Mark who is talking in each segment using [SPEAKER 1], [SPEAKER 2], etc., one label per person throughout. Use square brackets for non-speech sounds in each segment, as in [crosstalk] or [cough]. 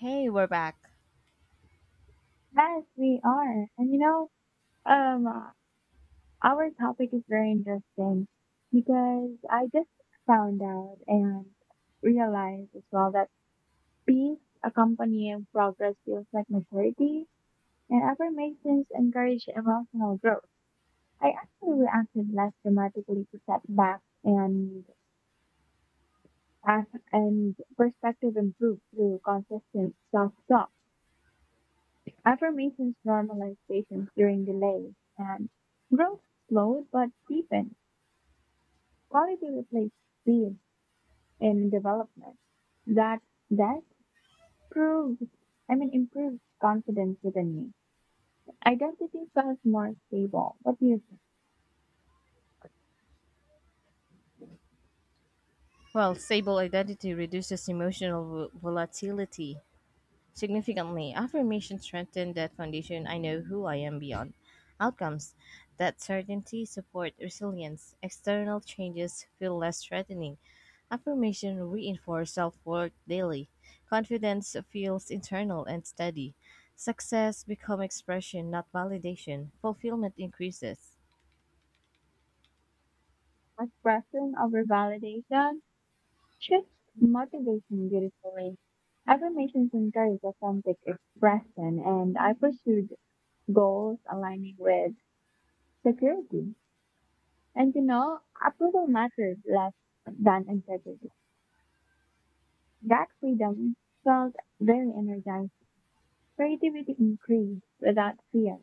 [SPEAKER 1] Hey, we're back.
[SPEAKER 2] Yes, we are. And you know, um, our topic is very interesting because I just found out and realized as well that peace accompanying progress feels like maturity and affirmations encourage emotional growth. I actually reacted less dramatically to setbacks and as and perspective improved through consistent self-talk. Affirmations normalize patience during delays, and growth slowed but deepened. Quality replaced speed in development. That that proves, I mean, improved confidence within me. Identity felt more stable. What do you think?
[SPEAKER 1] Well, stable identity reduces emotional volatility significantly. Affirmation strengthen that foundation. I know who I am beyond outcomes. That certainty support resilience. External changes feel less threatening. Affirmation reinforce self-worth daily. Confidence feels internal and steady. Success become expression, not validation. Fulfillment increases.
[SPEAKER 2] Expression over validation shifts motivation beautifully. Affirmations encourage authentic expression, and I pursued goals aligning with security. And you know, approval mattered less than integrity. That freedom felt very energizing. Creativity increased without fear,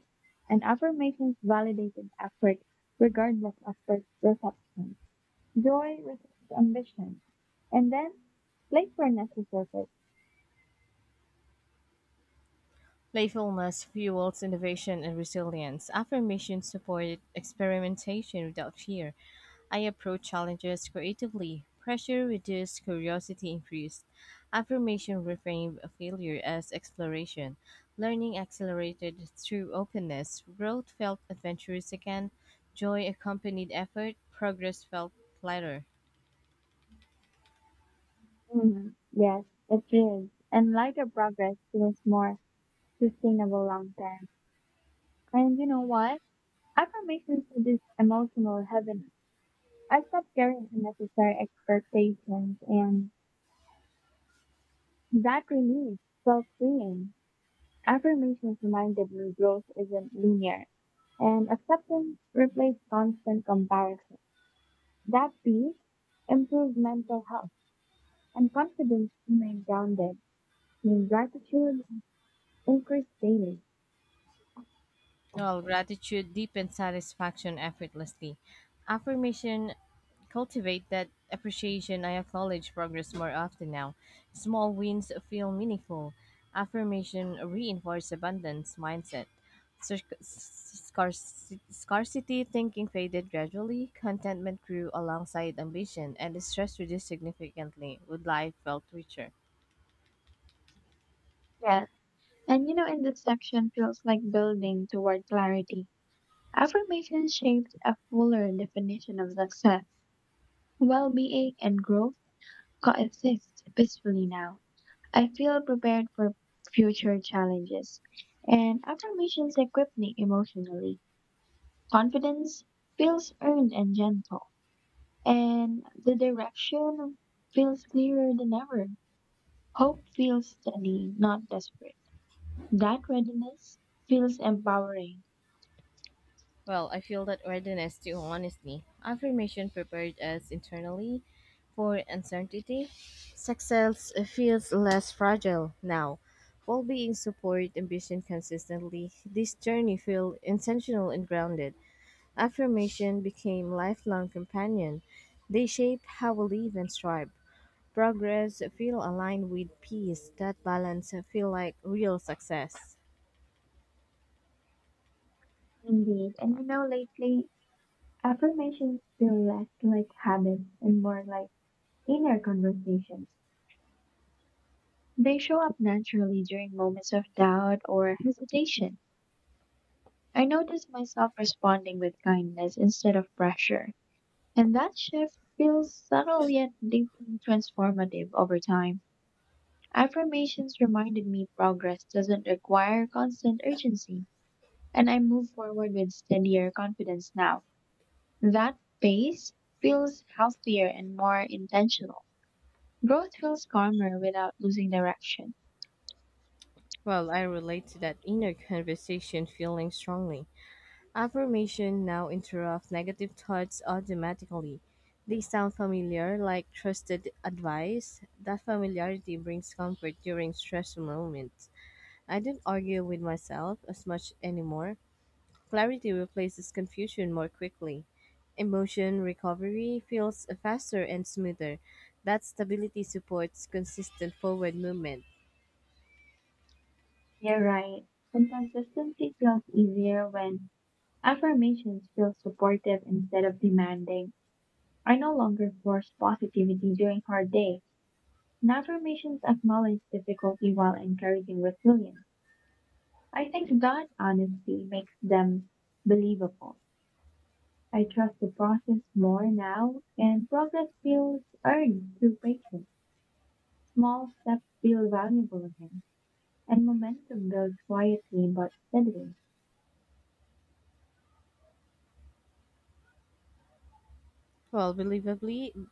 [SPEAKER 2] and affirmations validated effort regardless of first reception. Joy resists ambition. And then playfulness resurfaced.
[SPEAKER 1] Playfulness fuels innovation and resilience. Affirmations support experimentation without fear. I approach challenges creatively. Pressure reduced, curiosity increased. Affirmation reframed failure as exploration. Learning accelerated through openness. Growth felt adventurous again. Joy accompanied effort. Progress felt lighter.
[SPEAKER 2] Mm, yes, it is. And lighter progress feels more sustainable long term. And you know what? Affirmations reduce emotional heaviness. I stopped carrying unnecessary expectations and that release felt freeing. Affirmations reminded me growth isn't linear and acceptance replaced constant comparison. That peace improved mental health and confidence remained grounded in gratitude increased daily.
[SPEAKER 1] While gratitude deepened satisfaction effortlessly. Affirmation cultivate that appreciation, I acknowledge progress more often now. Small wins feel meaningful. Affirmation reinforces abundance mindset. Scarcity thinking faded gradually. Contentment grew alongside ambition, and the stress reduced significantly. Would life felt richer?
[SPEAKER 2] Yes. And you know, in this section feels like building toward clarity. Affirmation shaped a fuller definition of success, well being, and growth coexist peacefully now. I feel prepared for future challenges. And affirmations equip me emotionally. Confidence feels earned and gentle. And the direction feels clearer than ever. Hope feels steady, not desperate. That readiness feels empowering.
[SPEAKER 1] Well, I feel that readiness to honesty, affirmation prepared us internally for uncertainty, success feels less fragile now. Well-being, support, ambition consistently. This journey felt intentional and grounded. Affirmation became lifelong companion. They shape how we live and strive. Progress feel aligned with peace. That balance feel like real success.
[SPEAKER 2] Indeed. And you know, lately, affirmations feel less like habits and more like inner conversations. They show up naturally during moments of doubt or hesitation. I notice myself responding with kindness instead of pressure, and that shift feels subtle yet deeply transformative over time. Affirmations reminded me progress doesn't require constant urgency, and I move forward with steadier confidence now. That pace feels healthier and more intentional. Growth feels calmer without losing direction.
[SPEAKER 1] Well, I relate to that inner conversation feeling strongly. Affirmation now interrupt negative thoughts automatically. They sound familiar, like trusted advice. That familiarity brings comfort during stressful moments. I don't argue with myself as much anymore. Clarity replaces confusion more quickly. Emotion recovery feels faster and smoother. That stability supports consistent forward movement.
[SPEAKER 2] You're right. And consistency feels easier when affirmations feel supportive instead of demanding. I no longer force positivity during hard days. And affirmations acknowledge difficulty while encouraging resilience. I think that honesty makes them believable. I trust the process more now, and progress feels earned through patience. Small steps feel valuable again, and momentum builds quietly but steadily.
[SPEAKER 1] Well,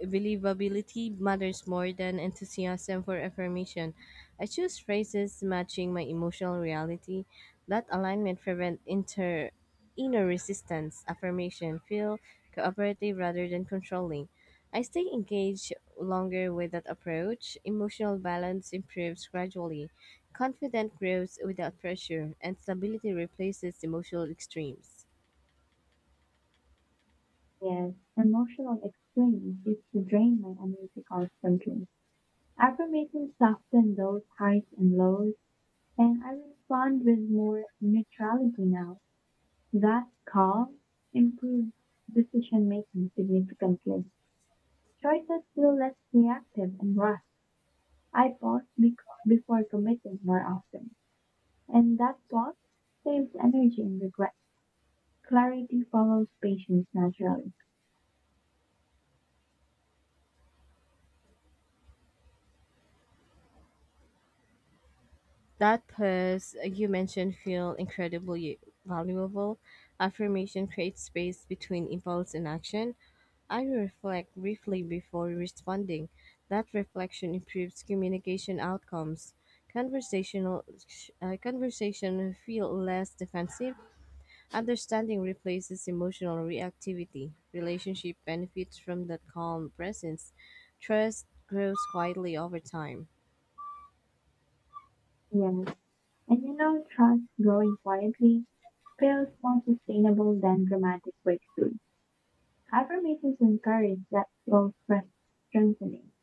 [SPEAKER 1] believability matters more than enthusiasm for affirmation. I choose phrases matching my emotional reality. That alignment prevents inter inner resistance. Affirmation feel cooperative rather than controlling. I stay engaged longer with that approach. Emotional balance improves gradually. Confidence grows without pressure, and stability replaces emotional extremes.
[SPEAKER 2] Yes, emotional extremes used to drain my energy constantly. Affirmations soften those highs and lows, and I respond with more neutrality now. That calm improves decision making significantly. Choices feel less reactive and rushed. I pause before committing more often, and that pause saves energy and regret. Clarity follows patience naturally.
[SPEAKER 1] That has you mentioned feel incredibly valuable. Affirmation creates space between impulse and action. I reflect briefly before responding. That reflection improves communication outcomes. conversational Conversation feel less defensive. Understanding replaces emotional reactivity. Relationship benefits from that calm presence. Trust grows quietly over time.
[SPEAKER 2] Yes. And you know, trust growing quietly feels more sustainable than dramatic breakthrough. Affirmations encourage that slow stress strengthening.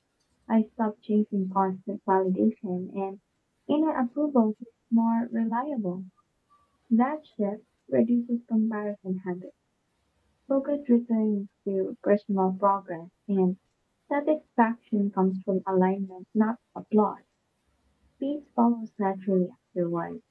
[SPEAKER 2] I stop chasing constant validation and inner approval feels more reliable. That shift reduces comparison habits. Focus returns to personal progress and satisfaction comes from alignment, not applause. Peace follows naturally afterward.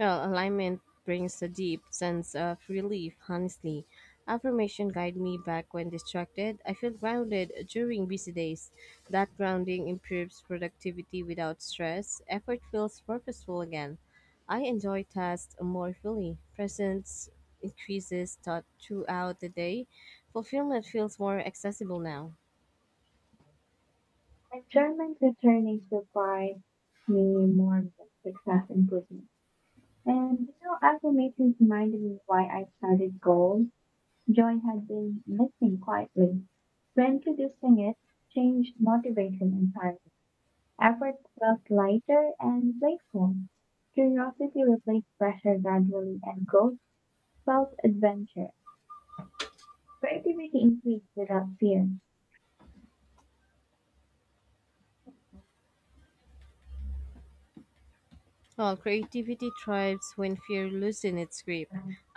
[SPEAKER 1] Well, alignment brings a deep sense of relief, honestly. Affirmation guide me back when distracted. I feel grounded during busy days. That grounding improves productivity without stress. Effort feels purposeful again. I enjoy tasks more fully. Presence increases thought throughout the day. Fulfillment feels more accessible now.
[SPEAKER 2] Enjoyment returning supplied me more than success improvement. And you know, affirmations reminded me why I started goal. Joy had been missing quietly. Reintroducing it changed motivation entirely. Effort felt lighter and playful. Curiosity replaced pressure gradually, and growth felt adventure. Creativity increased without fear.
[SPEAKER 1] Well, creativity thrives when fear loosens its grip.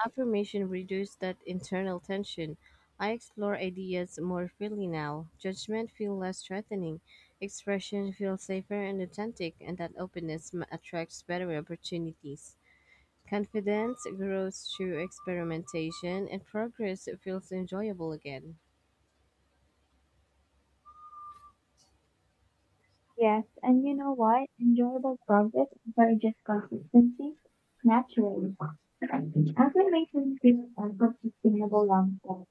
[SPEAKER 1] Affirmation reduces that internal tension. I explore ideas more freely now. Judgment feels less threatening. Expression feels safer and authentic, and that openness attracts better opportunities. Confidence grows through experimentation, and progress feels enjoyable again.
[SPEAKER 2] Yes, and you know what? Enjoyable progress encourages consistency naturally. Actually makes me feel effort sustainable long term.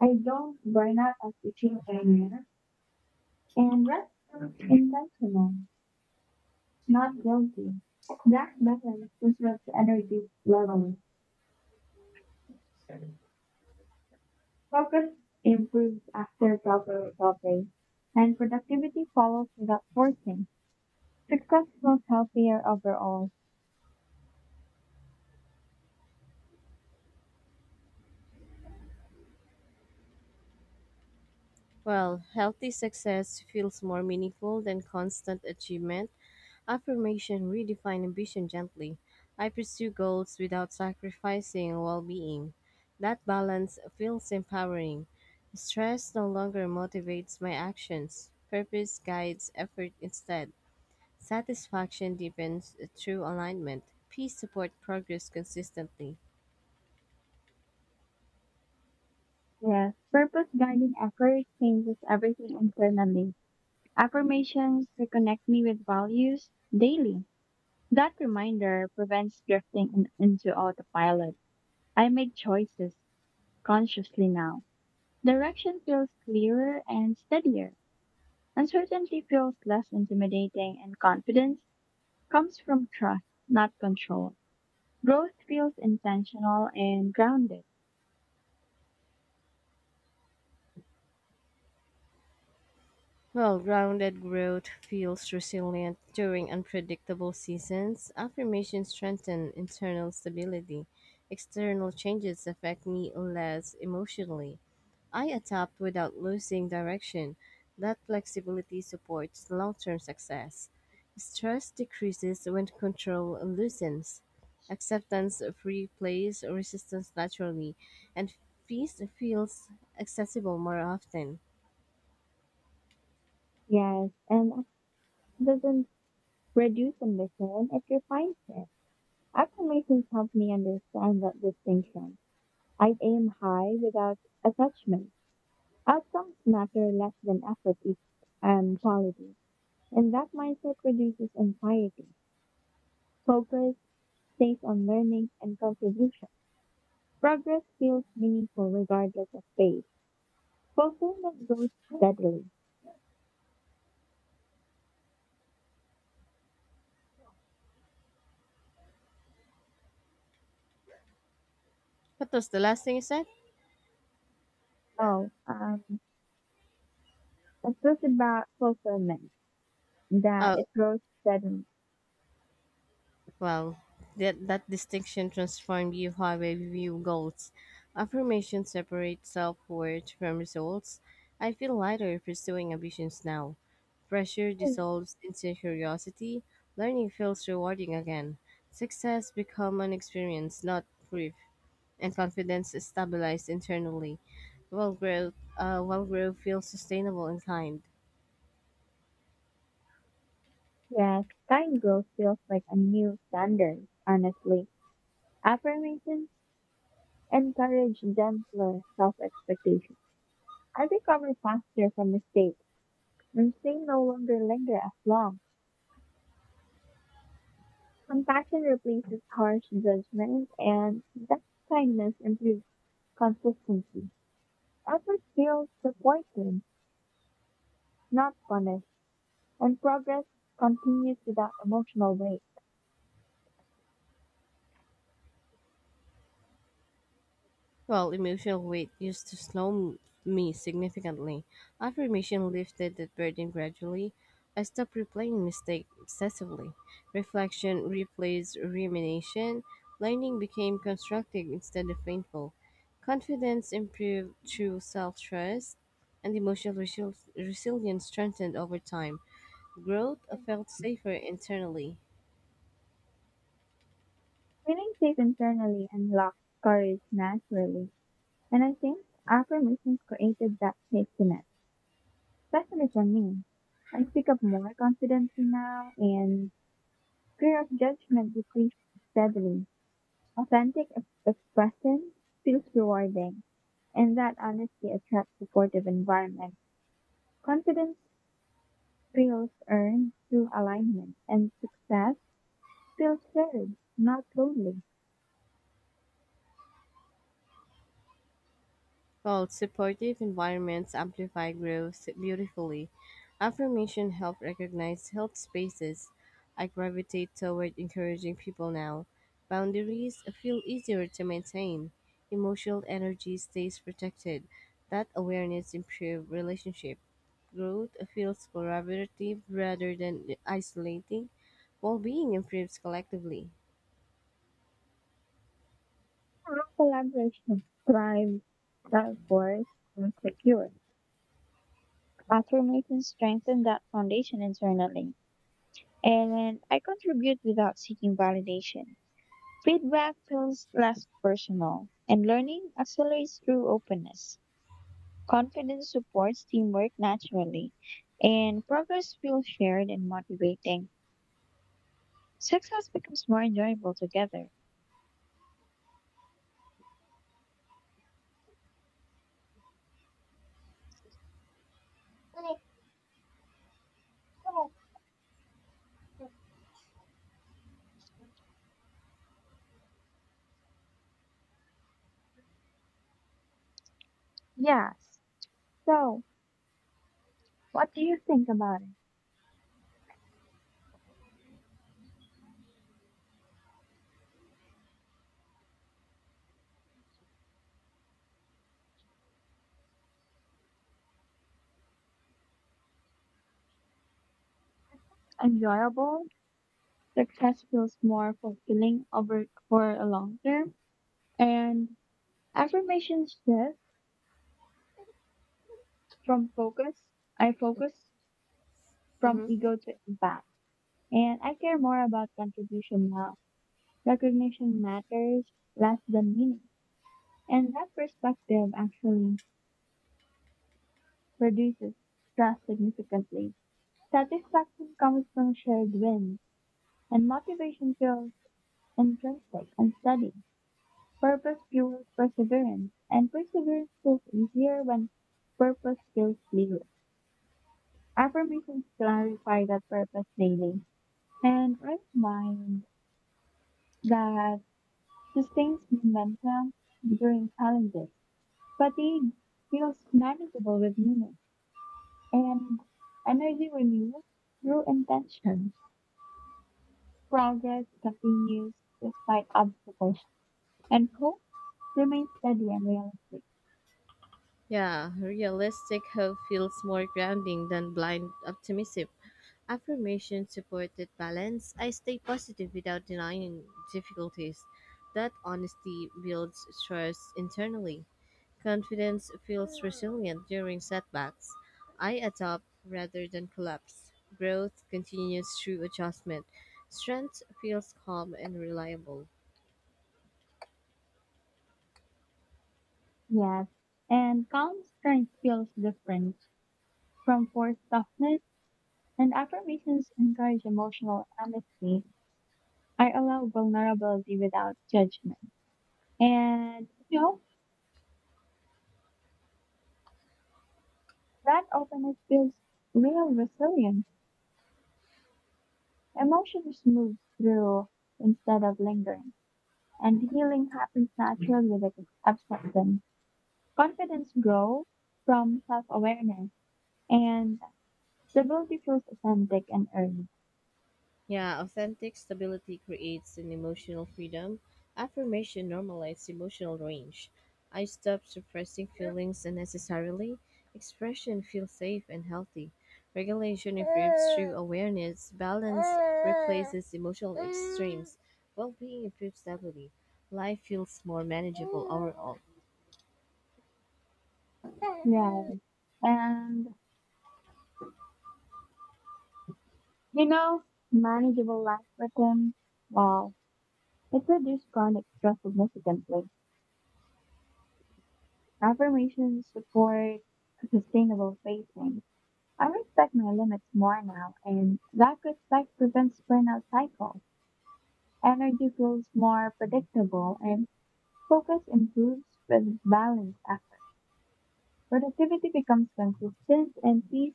[SPEAKER 2] I don't burn out as teaching earlier, and rest feels intentional, not guilty. That balance preserves energy level. Progress improves after proper recovery, and productivity follows without forcing. Success feels healthier overall.
[SPEAKER 1] Well, healthy success feels more meaningful than constant achievement. Affirmation redefine ambition gently. I pursue goals without sacrificing well being. That balance feels empowering. Stress no longer motivates my actions. Purpose guides effort instead. Satisfaction deepens through alignment. Peace support progress consistently.
[SPEAKER 2] Yes, purpose guided effort changes everything internally. Affirmations reconnect me with values daily. That reminder prevents drifting into autopilot. I make choices consciously now. Direction feels clearer and steadier. Uncertainty feels less intimidating, and confidence comes from trust, not control. Growth feels intentional and grounded.
[SPEAKER 1] Well, grounded growth feels resilient during unpredictable seasons. Affirmations strengthen internal stability. External changes affect me less emotionally. I adapt without losing direction. That flexibility supports long term success. Stress decreases when control loosens. Acceptance replaces resistance naturally, and peace feels accessible more often.
[SPEAKER 2] Yes, and it doesn't reduce ambition, it refines it. Affirmations help me understand that distinction. I aim high without attachment. Outcomes matter less than effort is quality. And that mindset reduces anxiety. Focus stays on learning and contribution. Progress feels meaningful regardless of pace. Fulfillment grows steadily.
[SPEAKER 1] What was the last thing you said?
[SPEAKER 2] Oh, it was about fulfillment, that
[SPEAKER 1] Oh,
[SPEAKER 2] it grows steadily.
[SPEAKER 1] well, that distinction transformed you how I view goals. Affirmation separates self worth from results. I feel lighter pursuing ambitions now. Pressure dissolves into curiosity. Learning feels rewarding again. Success become an experience, not proof, and confidence is stabilized internally. While growth feels sustainable and kind.
[SPEAKER 2] Yes, time growth feels like a new standard, honestly. Affirmations encourage gentler self expectation. I recover faster from mistakes, and shame no longer linger as long. Compassion replaces harsh judgments, and that kindness improves consistency. Effort feels supported, not punished, and progress continues without emotional weight.
[SPEAKER 1] Well, emotional weight used to me significantly. Affirmation lifted that burden gradually. I stopped replaying mistakes obsessively. Reflection replaced rumination. Learning became constructive instead of painful. Confidence improved through self trust, and emotional resilience strengthened over time. Growth felt safer internally.
[SPEAKER 2] Feeling safe internally unlocks courage naturally, and I think affirmations created that safety net. Pessimism me. I speak up more confidently now, and fear of judgment decreased steadily. Authentic expression feels rewarding, and that honesty attracts supportive environment. Confidence feels earned through alignment, and success feels shared, not lonely.
[SPEAKER 1] Well, supportive environments amplify growth beautifully. Affirmation help recognize health spaces. I gravitate toward encouraging people now. Boundaries feel easier to maintain. Emotional energy stays protected. That awareness improves relationship. Growth feels collaborative rather than isolating. Well-being improves collectively.
[SPEAKER 2] Our Collaboration thrives, that force feels secure. Affirmations strengthen that foundation internally. And I contribute without seeking validation. Feedback feels less personal, and learning accelerates through openness. Confidence supports teamwork naturally, and progress feels shared and motivating. Success becomes more enjoyable together. Yes. So, what do you think about it? Enjoyable, success feels more fulfilling over for a long term, and affirmations shift From focus, I focus from
[SPEAKER 1] hmm
[SPEAKER 2] ego to impact. And I care more about contribution now. Recognition matters less than meaning. And that perspective actually reduces stress significantly. Satisfaction comes from shared wins, and motivation feels intrinsic and steady. Purpose fuels perseverance, and perseverance feels easier when purpose feels clear. Affirmations clarify that purpose daily. And reminds that sustains momentum during challenges. Fatigue feels manageable with meaning, and energy renews through intention. Progress continues despite obstacles, and hope remains steady and realistic.
[SPEAKER 1] Yeah, realistic hope feels more grounding than blind optimism. Affirmations support that balance. I stay positive without denying difficulties. That honesty builds trust internally. Confidence feels resilient during setbacks. I adapt rather than collapse. Growth continues through adjustment. Strength feels calm and reliable.
[SPEAKER 2] Yes, and calm strength feels different from forced softness, and affirmations encourage emotional honesty. I allow vulnerability without judgment. And you know, that openness builds real resilience. Emotions move through instead of lingering. And healing happens naturally with acceptance. Confidence grows from self-awareness and stability feels authentic and earned.
[SPEAKER 1] Yeah, authentic stability creates an emotional freedom. Affirmation normalizes emotional range. I stop suppressing feelings unnecessarily. Expression feels safe and healthy. Regulation improves through awareness. Balance replaces emotional extremes. Well being improves stability. Life feels more manageable overall.
[SPEAKER 2] Right. And you know, manageable life rhythm, well, it reduces chronic stress significantly. Affirmations support sustainable facing. I respect my limits more now, and that respect prevents burnout cycles. Energy feels more predictable, and focus improves with balanced effort. Productivity becomes consistent, and peace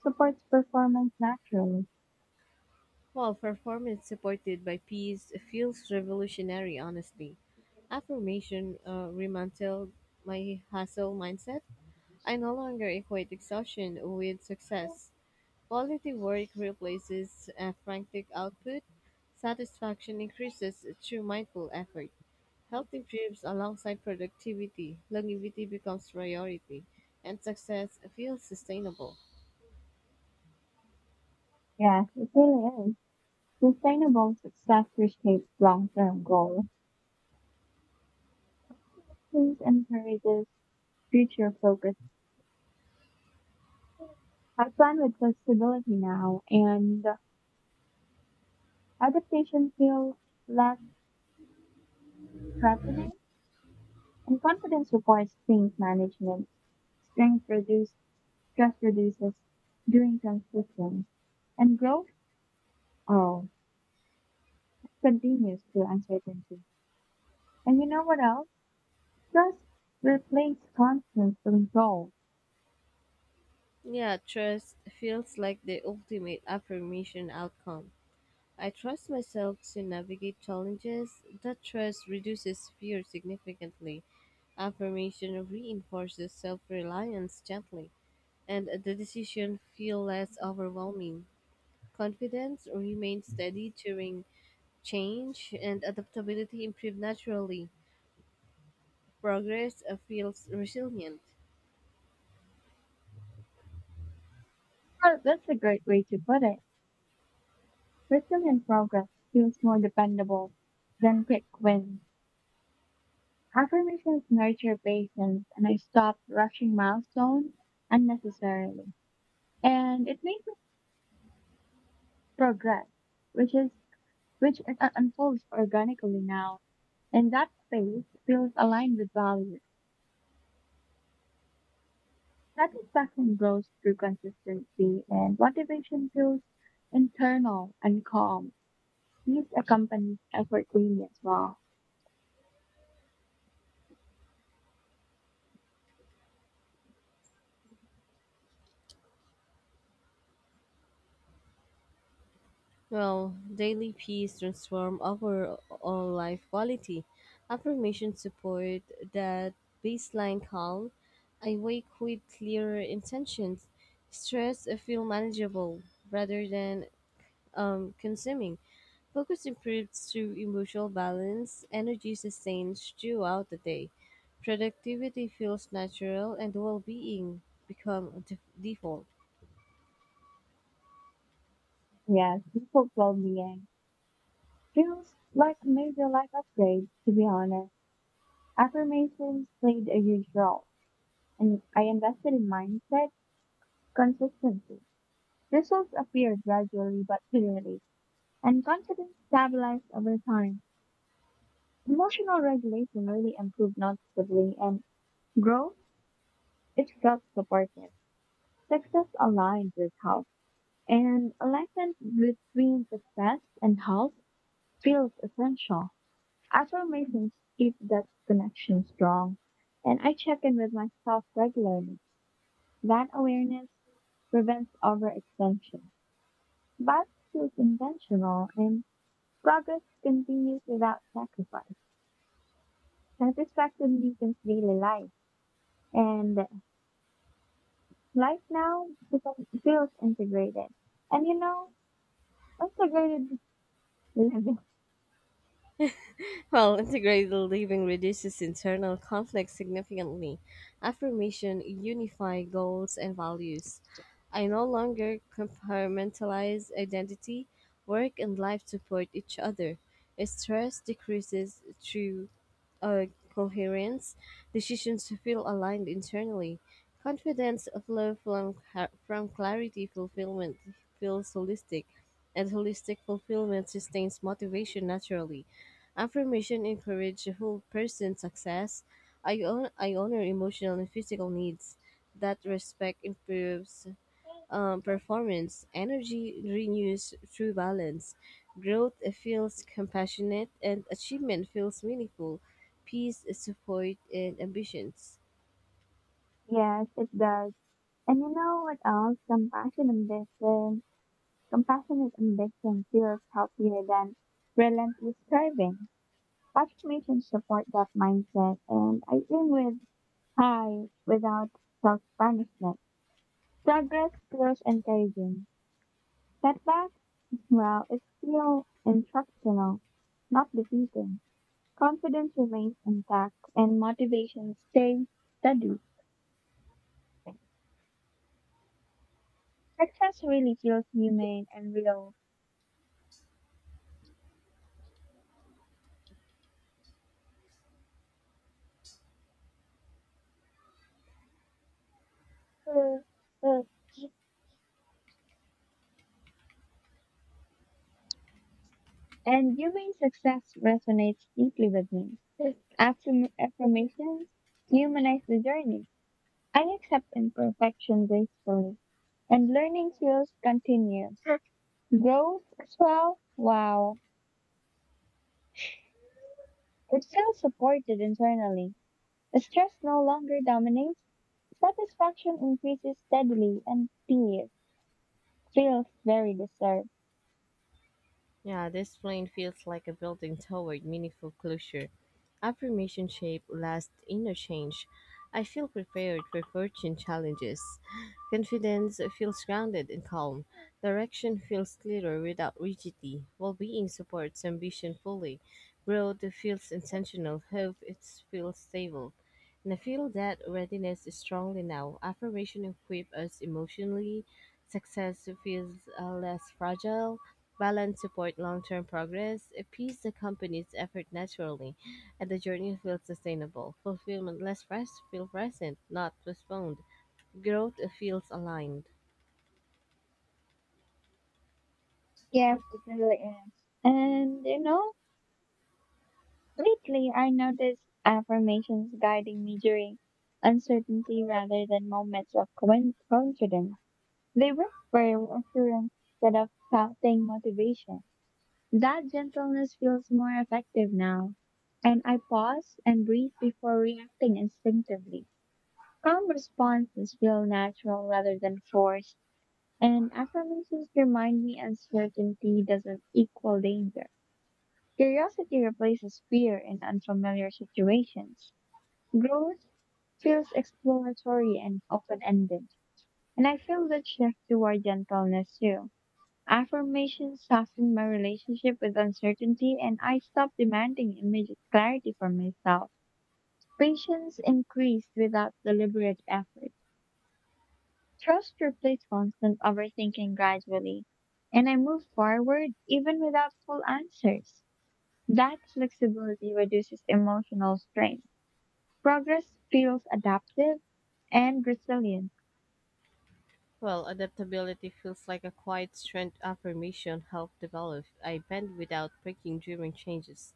[SPEAKER 2] supports performance naturally.
[SPEAKER 1] Well, performance supported by peace feels revolutionary, honestly. Affirmation remantled my hustle mindset. I no longer equate exhaustion with success. Quality work replaces a frantic output. Satisfaction increases through mindful effort. Health improves alongside productivity. Longevity becomes priority, and success feels sustainable.
[SPEAKER 2] Yes, it really is. Sustainable success reshapes long-term goals. This encourages future focus. I plan with flexibility now, and adaptation feels less threatening. And confidence requires change management. Strength reduce, stress reduces during transitions. And growth, oh, continues through uncertainty. And you know what else? Trust replaces constant control.
[SPEAKER 1] Yeah, trust feels like the ultimate affirmation outcome. I trust myself to navigate challenges. That trust reduces fear significantly. Affirmation reinforces self-reliance gently, and the decision feel less overwhelming. Confidence remains steady during change, and adaptability improves naturally. Progress feels resilient.
[SPEAKER 2] Well, that's a great way to put it. Resilient progress feels more dependable than quick wins. Affirmations nurture patience, and I stopped rushing milestones unnecessarily. And it makes me progress, which is which it unfolds organically now. And that space feels aligned with values. Satisfaction grows through consistency, and motivation feels internal and calm. Peace accompanies effort daily as well.
[SPEAKER 1] Well, daily peace transform overall life quality. Affirmation support that baseline calm. I wake with clearer intentions. Stress feel manageable rather than consuming. Focus improves through emotional balance. Energy sustains throughout the day. Productivity feels natural and well-being default.
[SPEAKER 2] Yes, people well being feels like major life upgrades, to be honest. Affirmations played a huge role, and I invested in mindset consistency. Results appear gradually but clearly, and confidence stabilized over time. Emotional regulation really improved noticeably and growth, it felt supportive. Success aligns with health and alignment between success and health feels essential. Affirmations keep that connection strong and I check in with myself regularly. That awareness prevents overextension, but feels intentional and progress continues without sacrifice. Satisfaction deepens daily life and life now becomes feels integrated. And you know, integrated living. [laughs]
[SPEAKER 1] Well, integrated living reduces internal conflict significantly. Affirmation unify goals and values. I no longer compartmentalize identity, work and life support each other. Stress decreases through coherence. Decisions feel aligned internally. Confidence from clarity. Fulfillment feels holistic, and holistic fulfillment sustains motivation naturally. Affirmation encourage whole person success. I honor emotional and physical needs. That respect improves performance. Energy renews through balance. Growth feels compassionate and achievement feels meaningful. Peace is support and ambitions.
[SPEAKER 2] Yes, it does. And you know what else? Compassionate ambition feels healthier than relentless striving. Affirmations support that mindset and I aim with high without self punishment. Progress feels encouraging. Setbacks, well, it's still instructional, not defeating. Confidence remains intact and motivation stays steady. Success really feels human and real. And human success resonates deeply with me. Affirmations humanize the journey. I accept imperfection gracefully, and learning feels continuous. Growth as well, wow. It feels supported internally. Stress no longer dominates. Satisfaction increases steadily, and peace feels very deserved.
[SPEAKER 1] Yeah, this plane feels like a building toward meaningful closure. Affirmation shape last interchange. I feel prepared for fortune challenges. Confidence feels grounded and calm. Direction feels clearer without rigidity. Well-being supports ambition fully. Growth feels intentional. Hope it feels stable. And I feel that readiness is strongly now. Affirmation equip us emotionally. Success feels less fragile. Balance support long-term progress. Peace accompanies effort naturally. And the journey feels sustainable. Fulfillment feel present, not postponed. Growth feels aligned.
[SPEAKER 2] Yeah, it really is. And you know, lately I noticed affirmations guiding me during uncertainty rather than moments of confidence. They whisper assurance instead of shouting motivation. That gentleness feels more effective now. And I pause and breathe before reacting instinctively. Calm responses feel natural rather than forced, and affirmations remind me uncertainty doesn't equal danger. Curiosity replaces fear in unfamiliar situations. Growth feels exploratory and open ended, and I feel the shift toward gentleness too. Affirmations soften my relationship with uncertainty, and I stop demanding immediate clarity from myself. Patience increased without deliberate effort. Trust replaced constant overthinking gradually, and I moved forward even without full answers. That flexibility reduces emotional strain. Progress feels adaptive and resilient.
[SPEAKER 1] Well, adaptability feels like a quiet strength affirmation helped develop. I bend without breaking during changes.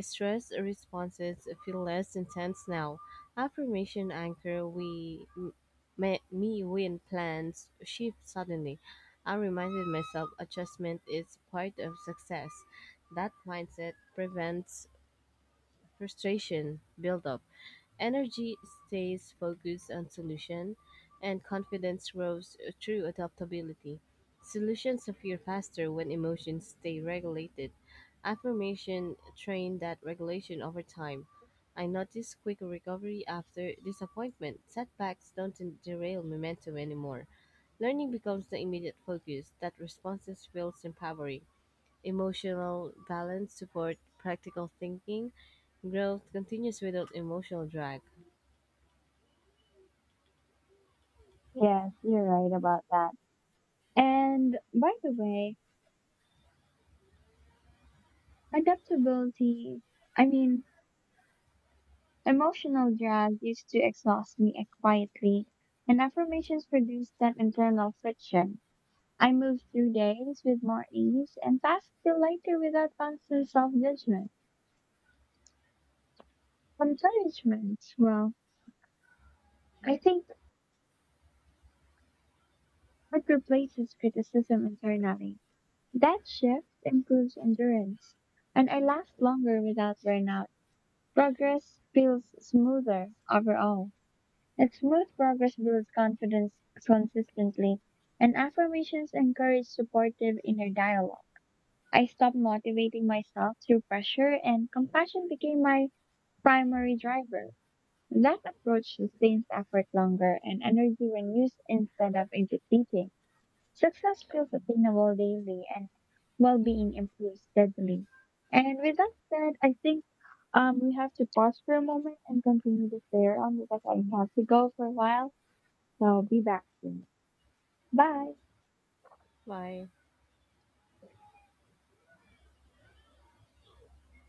[SPEAKER 1] Stress responses feel less intense now. Affirmation anchor we me win plans shift suddenly. I reminded myself adjustment is part of success. That mindset prevents Frustration build up, energy stays focused on solution, and confidence grows through adaptability. Solutions appear faster when emotions stay regulated. Affirmation train that regulation over time. I notice quicker recovery after disappointment. Setbacks don't derail momentum anymore. Learning becomes the immediate focus that responses feels empowering. Emotional balance support practical thinking. Growth continues without emotional drag.
[SPEAKER 2] Yes, you're right about that. And by the way, adaptability, I mean, emotional drag used to exhaust me quietly, and affirmations reduced that internal friction. I move through days with more ease and past feel lighter without constant self-judgment. Encouragement, well, I think it replaces criticism internally. That shift improves endurance, and I last longer without burnout. Progress feels smoother overall. And smooth progress builds confidence consistently, and affirmations encourage supportive inner dialogue. I stopped motivating myself through pressure, and compassion became my primary driver. That approach sustains effort longer and energy when used instead of in depleting. Success feels attainable daily and well-being improves steadily. And with that said, I think we have to pause for a moment and continue this later on because I have to go for a while. So I'll be back soon. Bye.
[SPEAKER 1] Bye.